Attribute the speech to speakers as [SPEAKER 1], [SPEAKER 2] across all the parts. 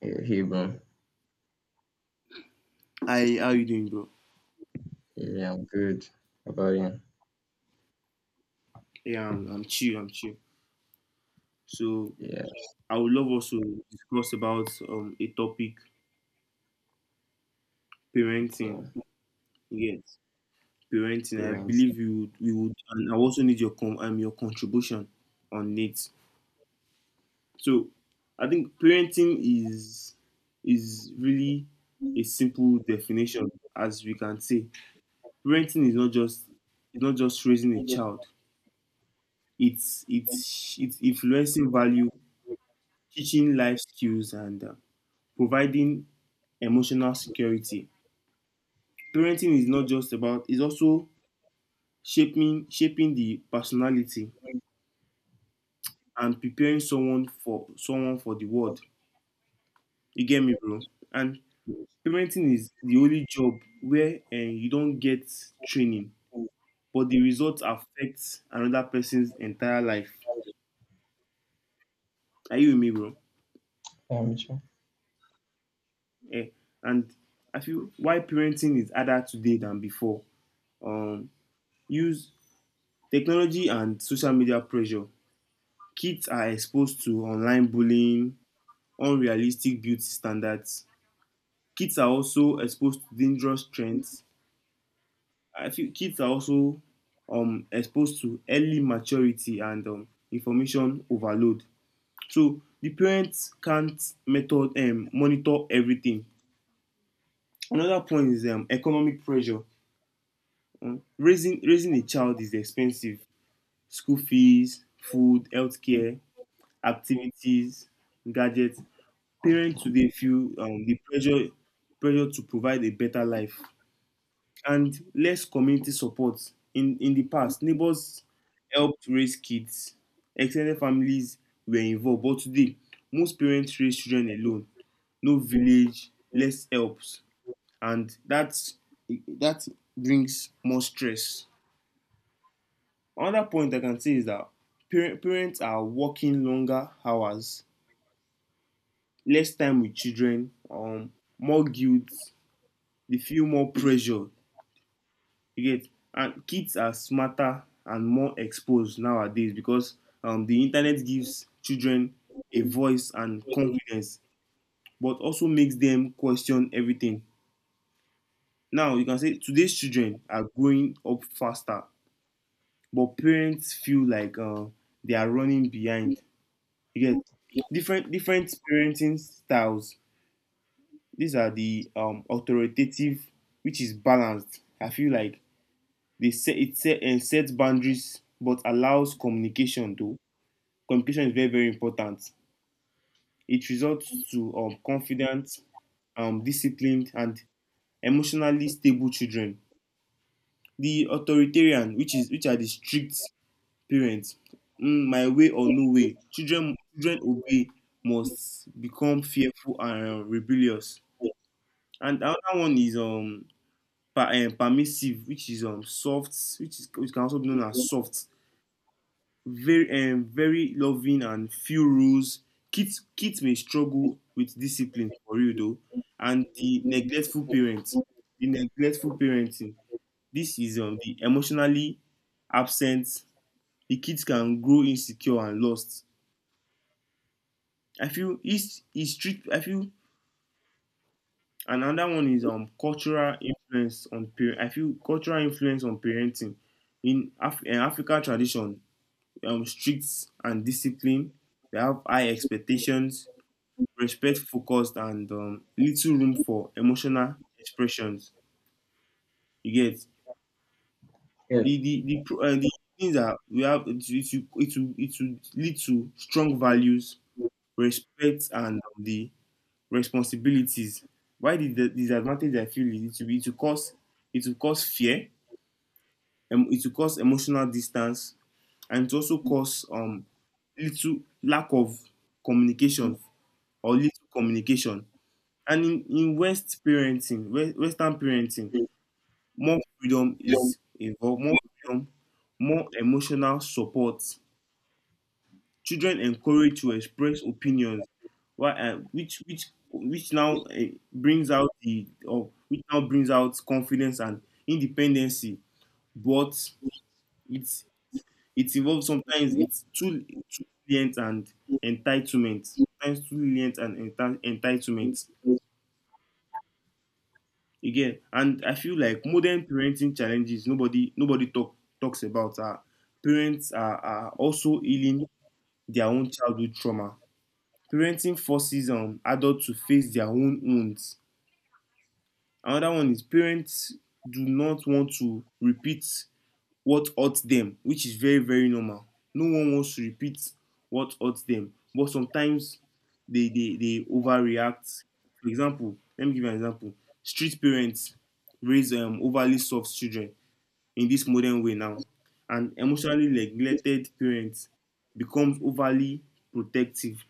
[SPEAKER 1] Hey, hey, bro.
[SPEAKER 2] Hi, how you doing, bro?
[SPEAKER 1] Yeah, I'm good. How about you?
[SPEAKER 2] Yeah, I'm chill. I'm chill. So
[SPEAKER 1] Yeah,
[SPEAKER 2] I would love us to discuss about a topic, parenting.
[SPEAKER 1] okay.
[SPEAKER 2] Yes, parenting.
[SPEAKER 1] You
[SPEAKER 2] I believe we would, and I also need your com your contribution on it. So I think parenting is really a simple definition, as we can say. Parenting is not just it's not just raising a child. It's influencing value, teaching life skills, and providing emotional security. Parenting is not just about it's also shaping the personality and preparing someone for the world. You get me, bro? And parenting is the only job where you don't get training, but the results affect another person's entire life. Are you with me, bro?
[SPEAKER 1] Yeah, me too.
[SPEAKER 2] Yeah. And I feel why parenting is harder today than before. Um, use technology and social media pressure. Kids are exposed to online bullying, unrealistic beauty standards. Kids are also exposed to dangerous trends. I feel kids are also exposed to early maturity and information overload. So the parents can't method monitor everything. Another point is economic pressure. Raising a child is expensive. School fees, food, healthcare, activities, gadgets. Parents today feel the pressure to provide a better life, and less community support. In the past, neighbors helped raise kids, extended families were involved, but today most parents raise children alone. No village, less helps, and that brings more stress. Another point I can say is that parents are working longer hours, less time with children, more guilt. They feel more pressure, you get, and kids are smarter and more exposed nowadays because the internet gives children a voice and confidence, but also makes them question everything. Now you can say today's children are growing up faster, but parents feel like they are running behind, you get. Different parenting styles, these are the authoritative, which is balanced, I feel like. They set it set, sets boundaries but allows communication though. Communication is very very important. It results to confident, disciplined, and emotionally stable children. The authoritarian, which is which are the strict parents, mm, my way or no way. Children obey, must become fearful and rebellious. And another one is permissive, which is soft, which is which can also be known as soft. Very very loving and few rules. Kids may struggle with discipline for you though, and the neglectful parents, the neglectful parenting. This is the emotionally absent. The kids can grow insecure and lost. I feel is it's strict. I feel another one is cultural influence on parent. I feel cultural influence on parenting in in African tradition. Strict and discipline. They have high expectations, respect focused, and little room for emotional expressions, you get.
[SPEAKER 1] Yeah. Yeah.
[SPEAKER 2] The the things that we have, it will lead to strong values, respect, and the responsibilities. Why the disadvantage I feel is, it will be? It will cause, it will cause fear, it will cause emotional distance, and it will also cause little lack of communication, or little communication. And in West parenting, Western parenting, more freedom is involved, more freedom, more emotional support. Children encouraged to express opinions, why, which now brings out the or which now brings out confidence and independency. But it's, it involves, sometimes it's too too lenient and entitlement. Sometimes too lenient and entitlement. Again, and I feel like modern parenting challenges nobody, nobody talks about, are parents are also healing their own childhood trauma. Parenting forces adults to face their own wounds. Another one is, parents do not want to repeat what hurts them, which is very very normal. No one wants to repeat what hurts them, but sometimes they overreact. For example, let me give you an example. Street parents raise overly soft children in this modern way now, and emotionally neglected parents becomes overly protective,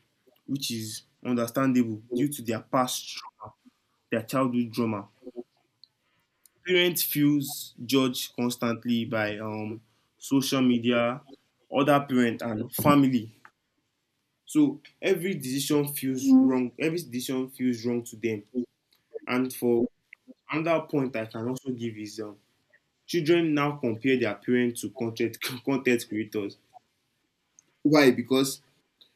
[SPEAKER 2] which is understandable due to their their childhood trauma. Parent feels judged constantly by social media, other parent and family. So every decision feels, mm, wrong. Every decision feels wrong to them. And for another point I can also give is children now compare their parents to content content creators. Why? Because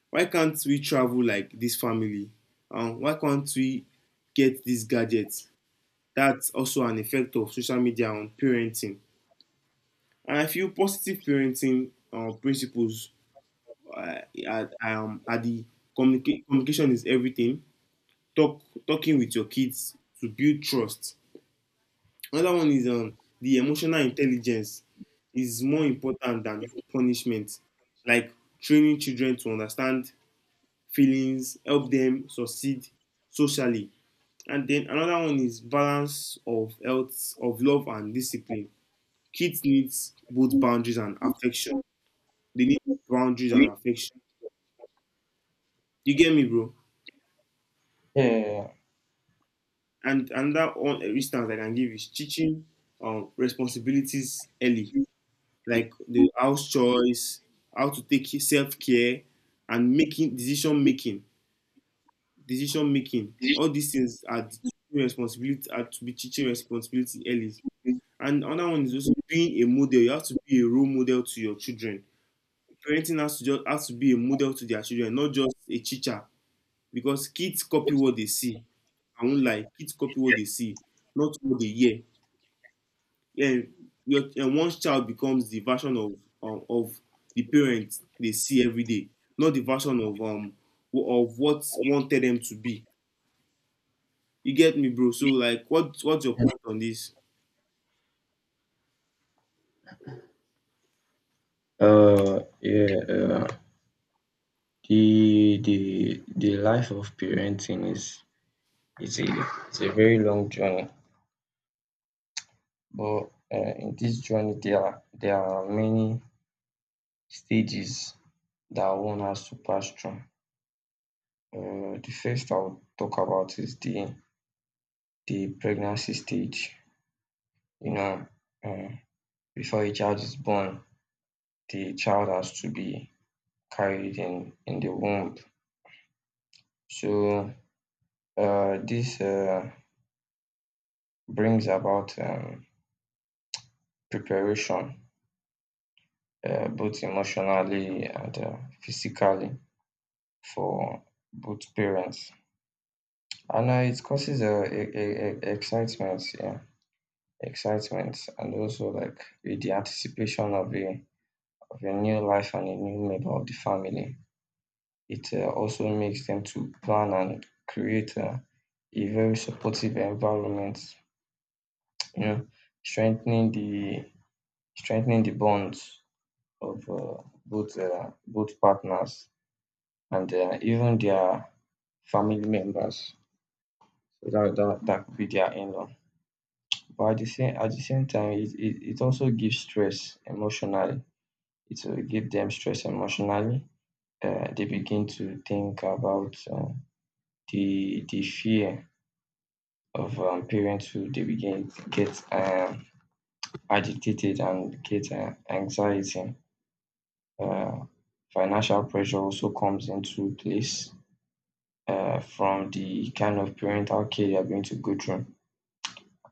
[SPEAKER 2] why can't we travel like this family? Why can't we get these gadgets? That's also an effect of social media on parenting. And I feel positive parenting principles uh, are the communication is everything. Talking with your kids to build trust. Another one is the emotional intelligence is more important than punishment. Like training children to understand feelings, help them succeed socially. And then another one is balance of health, of love and discipline. Kids needs both boundaries and affection. They need boundaries and affection. You get me, bro? And another one instance I can give is teaching responsibilities early, like the house chores, how to take self care, and decision making. All these things are teaching responsibility, are to be teaching responsibility early. And another one is also being a model. You have to be a role model to your children. Parenting has to be a model to their children, not just a teacher, because kids copy what they see. I won't lie, kids copy what they see, not what they hear. Yeah, and one child becomes the version of the parents they see every day, not the version of of what wanted them to be. You get me, bro? So like, what's your point on this?
[SPEAKER 1] Yeah. The life of parenting is a very long journey, but in this journey there are many stages that one has to pass through. The first I'll talk about is the pregnancy stage. You know, uh before a child is born, the child has to be carried in the womb. So this brings about preparation, both emotionally and physically for both parents. And it causes a excitement, yeah, excitement, and also like the anticipation of a new life and a new member of the family. It also makes them to plan and create a very supportive environment. You know, strengthening the strengthening the bonds of both partners and even their family members so that don't attack their in-law. But at the same time, it also gives stress emotionally. It will give them stress emotionally. They begin to think about the fear of parenthood. They begin to get agitated and get anxiety. Uh, Financial pressure also comes into place from the kind of parental care they are going to go through.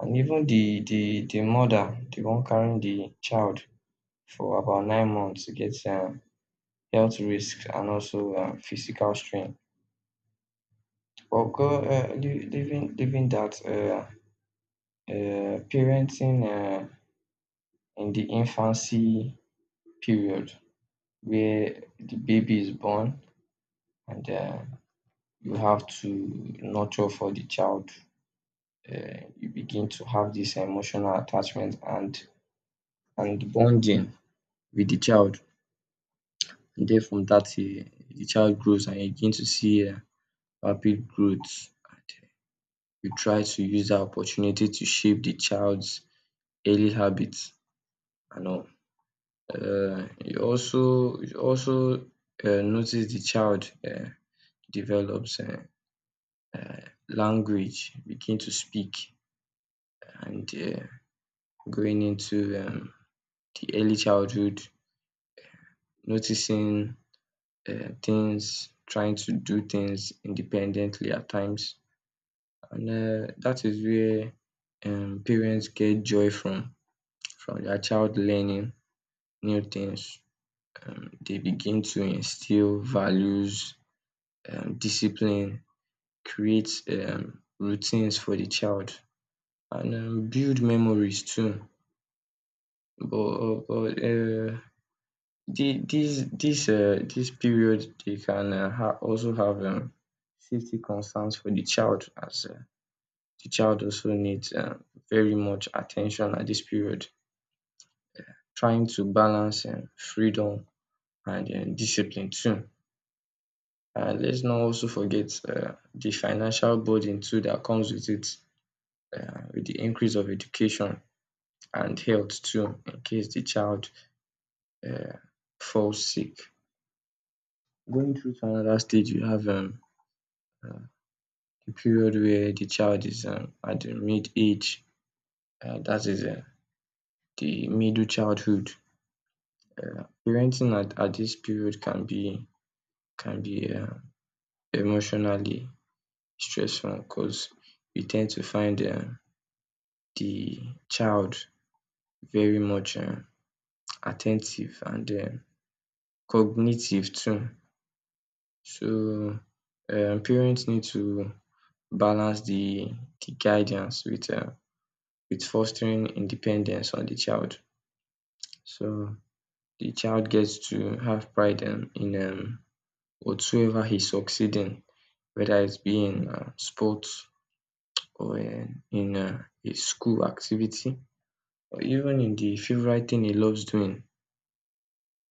[SPEAKER 1] And even the mother, the one carrying the child for about 9 months, gets health risks and also physical strain. But leaving dat parenting in the infancy period where the baby is born, and you have to nurture for the child. You begin to have this emotional attachment and bonding with the child. And then from that year, the child grows, and you begin to see rapid growth. And you try to use that opportunity to shape the child's early habits and all. You also notice the child develops language, begin to speak, and going into the early childhood, noticing things, trying to do things independently at times. And that is where parents get joy from their child learning new things. They begin to instill values, discipline, create routines for the child, and build memories too. But the this this this period they can ha also have safety concerns for the child, as the child also needs very much attention at this period. Trying to balance freedom and discipline too. And let's not also forget the financial burden too that comes with it, with the increase of education and health too in case the child um falls sick. Going through to another stage, you have uh, the period where the child is at the mid age, dat is the middle childhood. Parenting at this period can be, can be um emotionally stressful because we tend to find the child very much at and cognitive too. So parents need to balance the guidance with fostering independence on the child. So the child gets to have pride in whatsoever he's succeeding, whether it's being in sports or in a school activity. Even in the favorite thing he loves doing,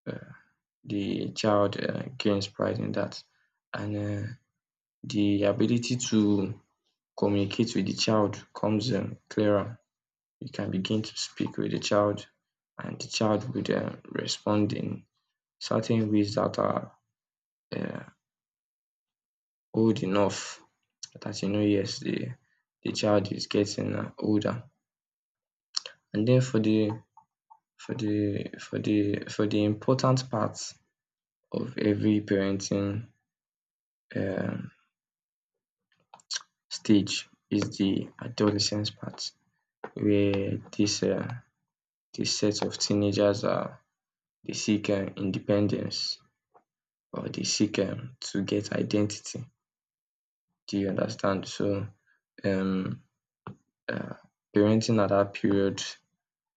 [SPEAKER 1] uh, the child gains pride in that. And the ability to communicate with the child comes clearer. You can begin to speak with the child, and the child would respond in certain ways that are uh, old enough that you know, yes, the child is getting older. And then for the important part of every parenting um, stage is the adolescence part where this set of teenagers are, they seek independence or they seek to get identity. Do you understand? So um, uh, parenting at that period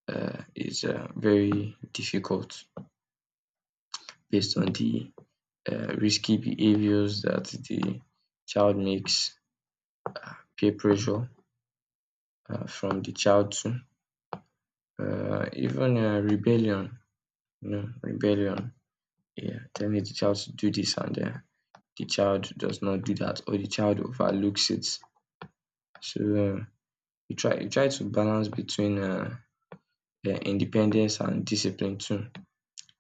[SPEAKER 1] is very difficult based on the risky behaviors that the child makes, peer pressure from the child too, even rebellion. No, rebellion. Yeah, telling the child to do this, and the child does not do that, or the child overlooks it. So uh, you try to balance between independence and discipline too,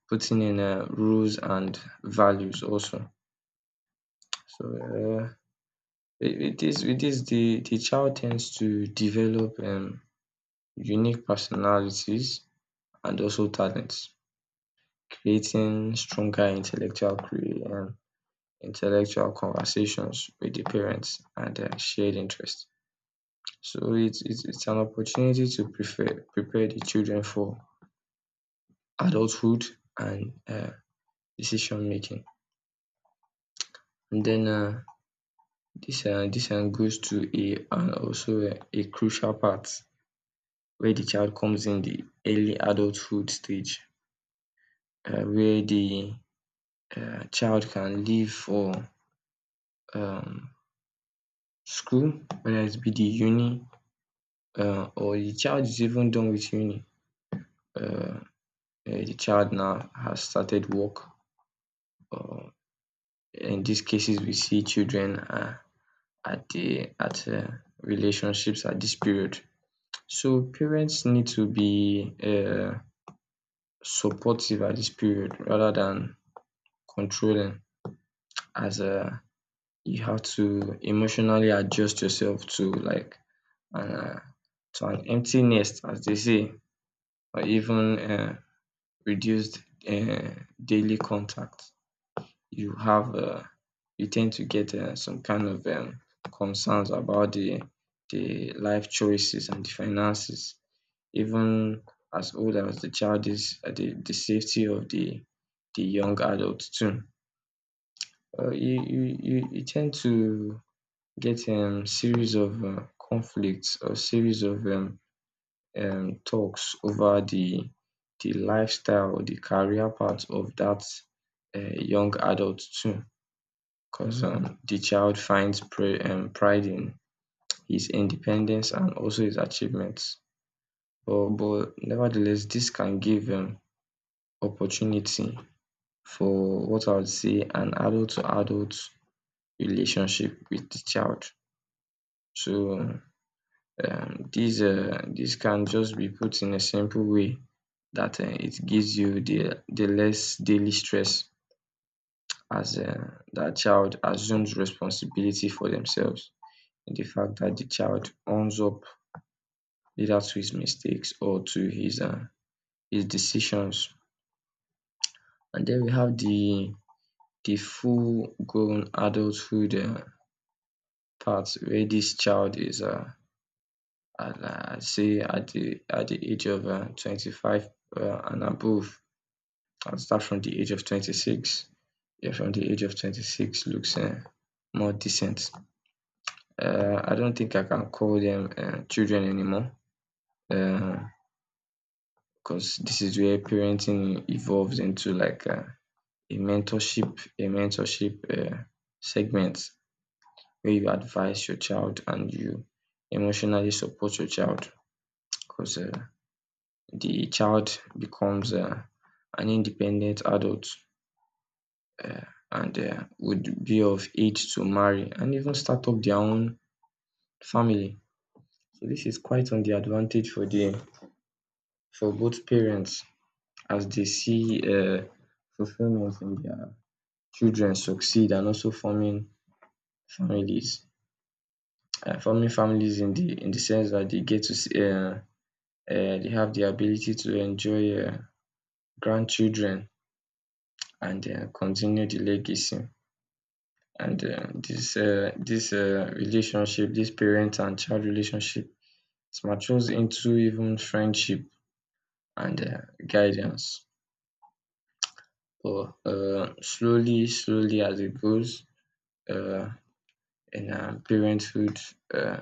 [SPEAKER 1] putting in rules and values also. So with this the child tends to develop unique personalities and also talents, creating stronger intellectual conversations with the parents and their shared interests. So it's an opportunity to prepare the children for adulthood and decision making. And then this one goes to a and also a crucial part where the child comes in the early adulthood stage, where the child can leave for um, school, whether it be the uni, or the child is even done with uni. uh, the child now has started work. Uh, in these cases, we see children at the at relationships at this period. So parents need to be supportive at this period rather than controlling, as you have to emotionally adjust yourself to like an to an empty nest, as they say, or even reduced uh, daily contact. you have uh, you tend to get some kind of concerns about the life choices and the finances. Even as old as the child is, the safety of the young adult too. You tend to get series of conflicts or series of talks over the lifestyle or the career path of that young adult too. Concern: The child finds pride in his independence and also his achievements, but nevertheless this can give opportunity for what I would say an adult to adult relationship with the child. So this can just be put in a simple way that it gives you the less daily stress as that child assumes responsibility for themselves. The fact that the child owns up either to his mistakes or to his decisions. And then we have the full grown adulthood part where this child is say at the age of 25, and above, and start from the age of 26. Yeah, from the age of 26 looks more decent. I don't think I can call them children anymore, uh, because this is where parenting evolves into like a mentorship segment where you advise your child and you emotionally support your child, because the child becomes an independent adult, uh, and would be of age to marry and even start up their own family. So this is quite on the advantage for both parents, as they see fulfillment in their children succeed, and also families forming families in the sense that they get to see, they have the ability to enjoy grandchildren and continue the legacy, and dis dis relationship, this parent and child relationship, it matures into even friendship and guidance, but slowly as it goes uh in parenthood uh.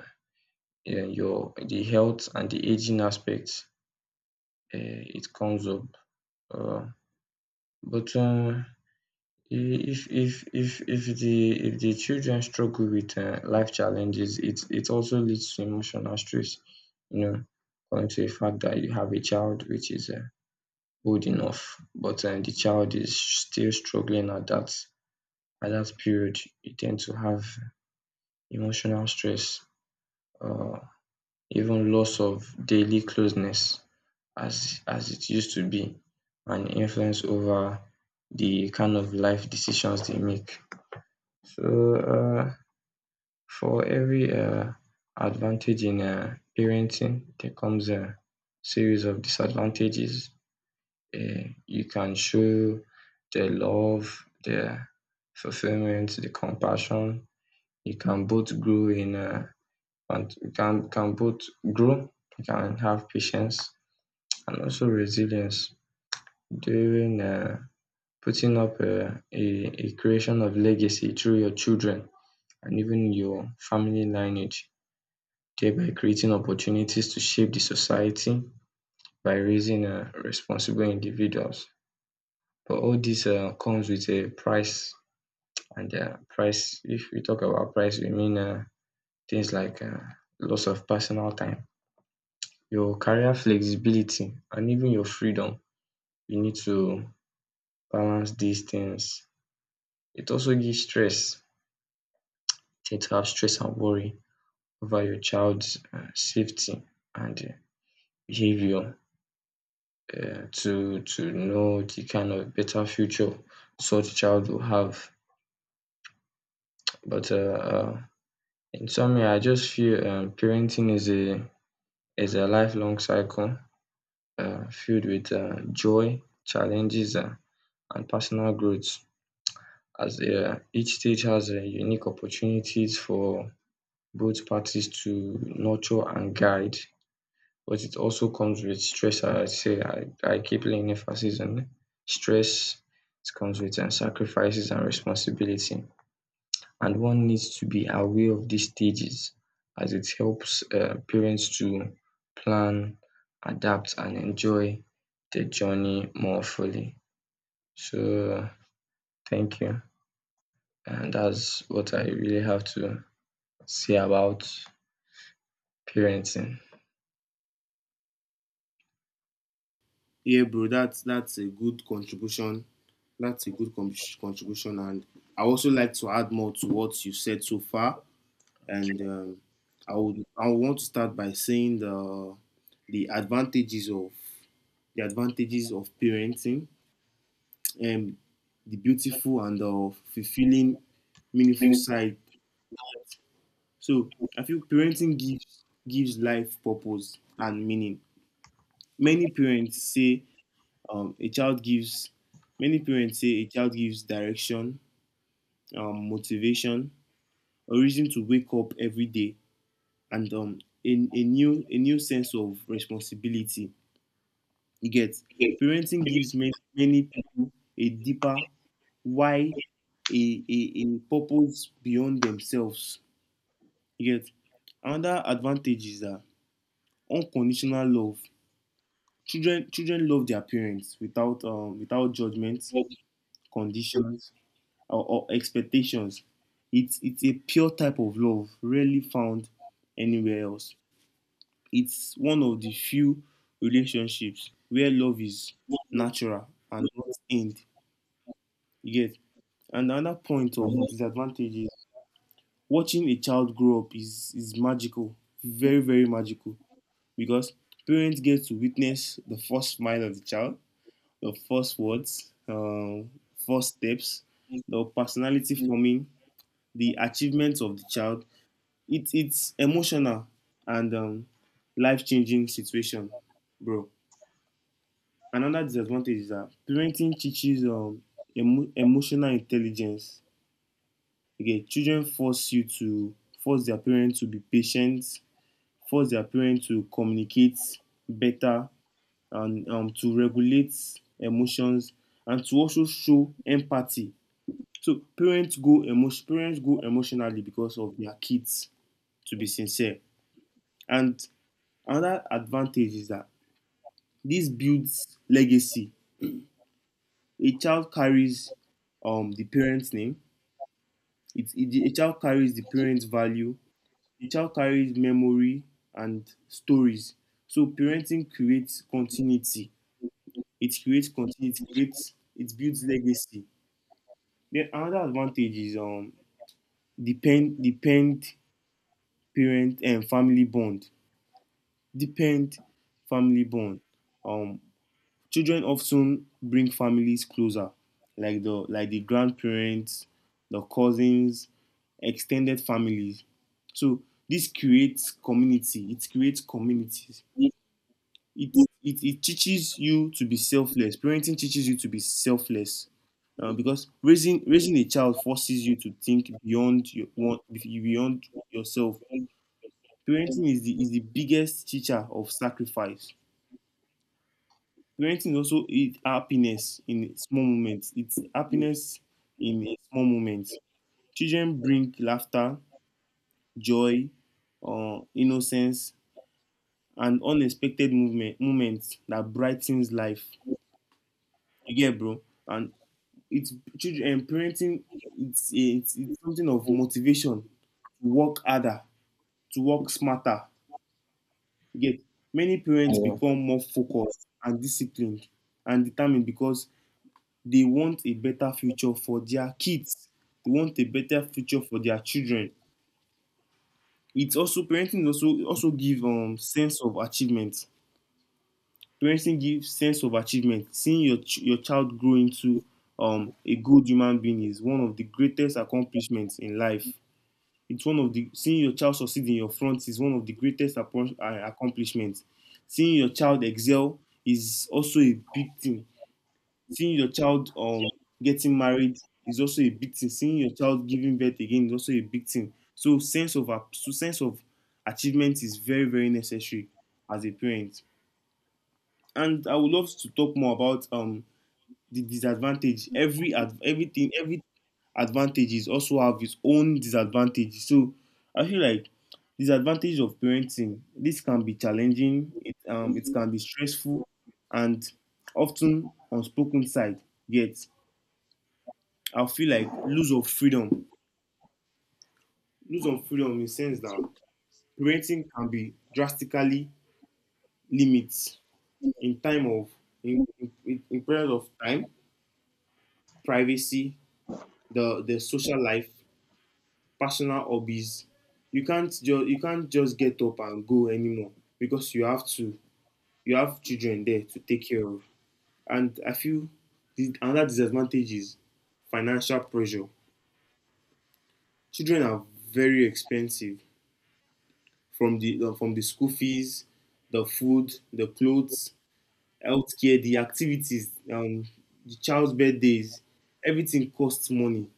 [SPEAKER 1] Yeah, your the health and the aging aspect, it comes up. Uh, but if the children struggle with life challenges, it also leads to emotional stress. You know, going to the fact that you have a child which is old enough, but the child is still struggling at that period, you tend to have emotional stress. Uh, Even loss of daily closeness as it used to be, and influence over the kind of life decisions they make. So for every advantage in parenting, there comes a series of disadvantages. You can show the love, the fulfillment, the compassion. You can both grow in, and you can both grow. You can have patience and also resilience during putting up a creation of legacy through your children and even your family lineage, thereby creating opportunities to shape the society by raising responsible individuals. But all this comes with a price, and price, if we talk about price, we mean things like loss of personal time, your career flexibility, and even your freedom. You need to balance these things. It also gives stress. Tend to have stress and worry over your child's safety and behavior, to know the kind of better future such child will have. But in summary, I just feel parenting is a lifelong cycle filled with joy, challenges, and personal growth. As each stage has unique opportunities for both parties to nurture and guide, but it also comes with stress. I keep laying emphasis on stress. It comes with and sacrifices and responsibility, and one needs to be aware of these stages, as it helps parents to plan, adapt, and enjoy the journey more fully. So thank you, and that's what I really have to say about parenting.
[SPEAKER 2] Yeah, bro, that's a good contribution. That's a good contribution, and I also like to add more to what you said so far. And I would want to start by saying the the advantages of the advantages of parenting, and the beautiful and the fulfilling, meaningful side. So I feel parenting gives life purpose and meaning. Many parents say um, a child gives many parents say a child gives direction, motivation, a reason to wake up every day, and a new sense of responsibility. You get, parenting gives many, many people a deeper why, a purpose beyond themselves. You get, another advantage is that unconditional love. Children love their parents without without judgments, conditions, or expectations. It's a pure type of love, rarely found anywhere else. It's one of the few relationships where love is natural and not end. You get. And another point of disadvantage is, watching a child grow up is magical, very, very magical, because parents get to witness the first smile of the child, the first words, first steps, the personality forming, the achievements of the child. It, it's emotional and life changing situation, bro. Another disadvantage is that parenting teaches emotional intelligence. Okay, children force you to force their parents to be patient, force their parents to communicate better, and to regulate emotions and to also show empathy. So parents go emotionally because of their kids, to be sincere. And another advantage is that this builds legacy. A child carries the parent's name. A child carries the parent's value. The child carries memory and stories. So parenting creates continuity. It creates continuity. It builds legacy. Then another advantage is depend parent and family bond. Depend family bond. Um children often bring families closer, like the grandparents, the cousins, extended families. So this creates community. It creates communities. it, it teaches you to be selfless, parenting teaches you to be selfless,
[SPEAKER 1] Um,
[SPEAKER 2] because raising a child forces you to think beyond your want, beyond yourself.
[SPEAKER 1] Yeah.
[SPEAKER 2] Parenting is the biggest teacher of sacrifice. Parenting is also it happiness in small moments, it's happiness in a small moments. Children bring laughter, joy, innocence, and unexpected movement moments that brightens life, you get, bro. And it's children and parenting, it's something of motivation to work harder, to work smarter, you get. Many parents become more focused and disciplined and determined, because they want a better future for their kids, they want a better future for their children. It's also parenting also also give sense of achievement. Parenting gives sense of achievement. Seeing your your child grow into a good human being is one of the greatest accomplishments in life. It's one of the, seeing your child succeed in your front is one of the greatest accomplishments. Seeing your child excel is also a big thing. Seeing your child getting married is also a big thing. Seeing your child giving birth again is also a big thing. So sense of achievement is very very necessary as a parent. And I would love to talk more about the disadvantage. Everything, every advantages also have its own disadvantage, so I feel like disadvantage of parenting, this can be challenging, it can be stressful and often unspoken side. Yet I feel like lose of freedom, lose of freedom in the sense that parenting can be drastically limits in time of, in period of time, privacy, the social life, personal hobbies. You can't just get up and go anymore because you have to, you have children there to take care of. And I feel another disadvantage is financial pressure. Children are very expensive, from the school fees, the food, the clothes, healthcare, the activities, the child's birthdays. Everything costs money.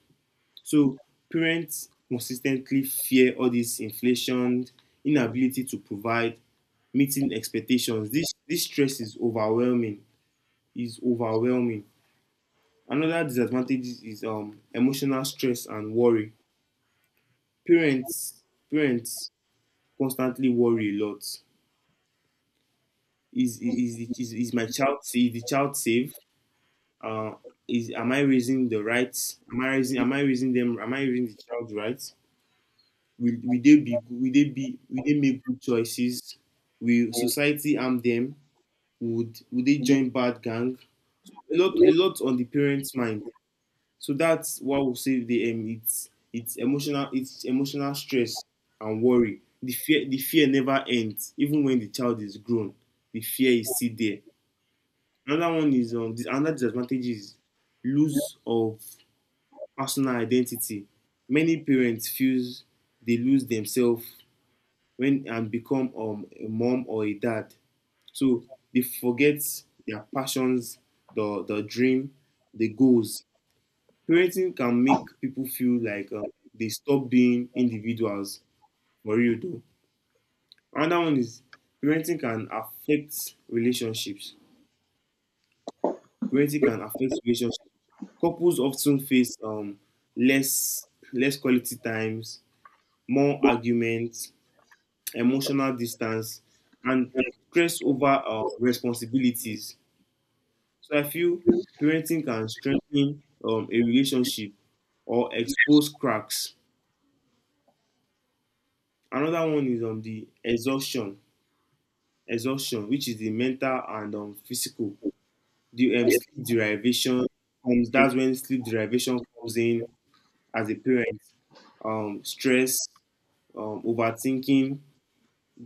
[SPEAKER 2] So parents consistently fear all this inflation, inability to provide, meeting expectations. This stress is overwhelming. Is overwhelming. Another disadvantage is emotional stress and worry. Parents parents constantly worry a lot. Is my child, is the child safe? Uh, is, am I raising the right? Am I raising them? Am I raising the child right? Will they be will they be, will they make good choices? Will society harm them? Would they join bad gang? A lot on the parents' mind. So that's what will save the it's, it's emotional stress and worry. The fear never ends, even when the child is grown. The fear is still there. Another one is another disadvantage is lose of personal identity. Many parents feels they lose themselves when and become a mom or a dad. So they forget their passions, the dream, the goals. Parenting can make people feel like they stop being individuals for real though. Another one is parenting can affect relationships. Parenting can affect relationships. Couples often face less, less quality times, more arguments, emotional distance, and stress over responsibilities. So I feel parenting can strengthen a relationship or expose cracks. Another one is the exhaustion, exhaustion, which is the mental and physical. The sleep derivation comes. That's when sleep derivation comes in as a parent. Stress, overthinking,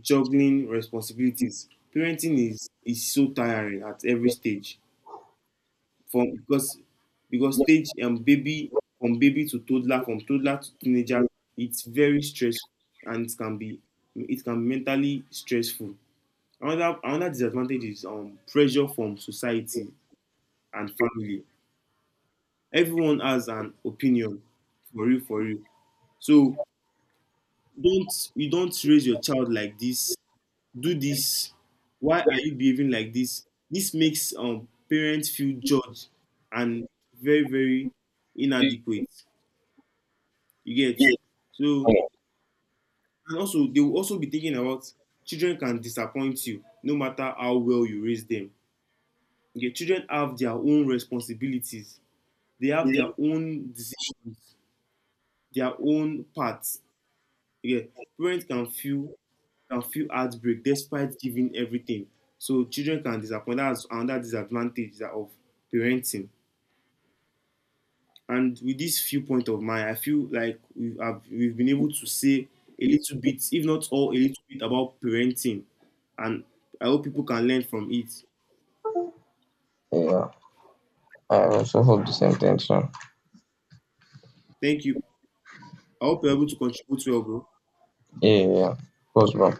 [SPEAKER 2] juggling responsibilities. Parenting is so tiring at every stage. From because stage baby From baby to toddler, from toddler to teenager. It's very stressful and it can be mentally stressful. Another disadvantage is pressure from society and family. Everyone has an opinion for you. So don't you don't raise your child like this. Do this. Why are you behaving like this? This makes parents feel judged and very very inadequate. You get. So and also they will also be thinking about children can disappoint you no matter how well you raise them. You, children have their own responsibilities, they have
[SPEAKER 1] Yeah.
[SPEAKER 2] their own decisions, their own paths. Yeah. Parents can feel heartbreak despite giving everything. So children can disappoint. That's another disadvantage that of parenting. And with this viewpoint of mine, I feel like we've been able to say a little bit, if not all, a little bit about parenting. And I hope people can learn from it.
[SPEAKER 1] Yeah. I also hope the same thing soon.
[SPEAKER 2] Thank you. I hope you're able to contribute well, bro.
[SPEAKER 1] Yeah, yeah. Close back.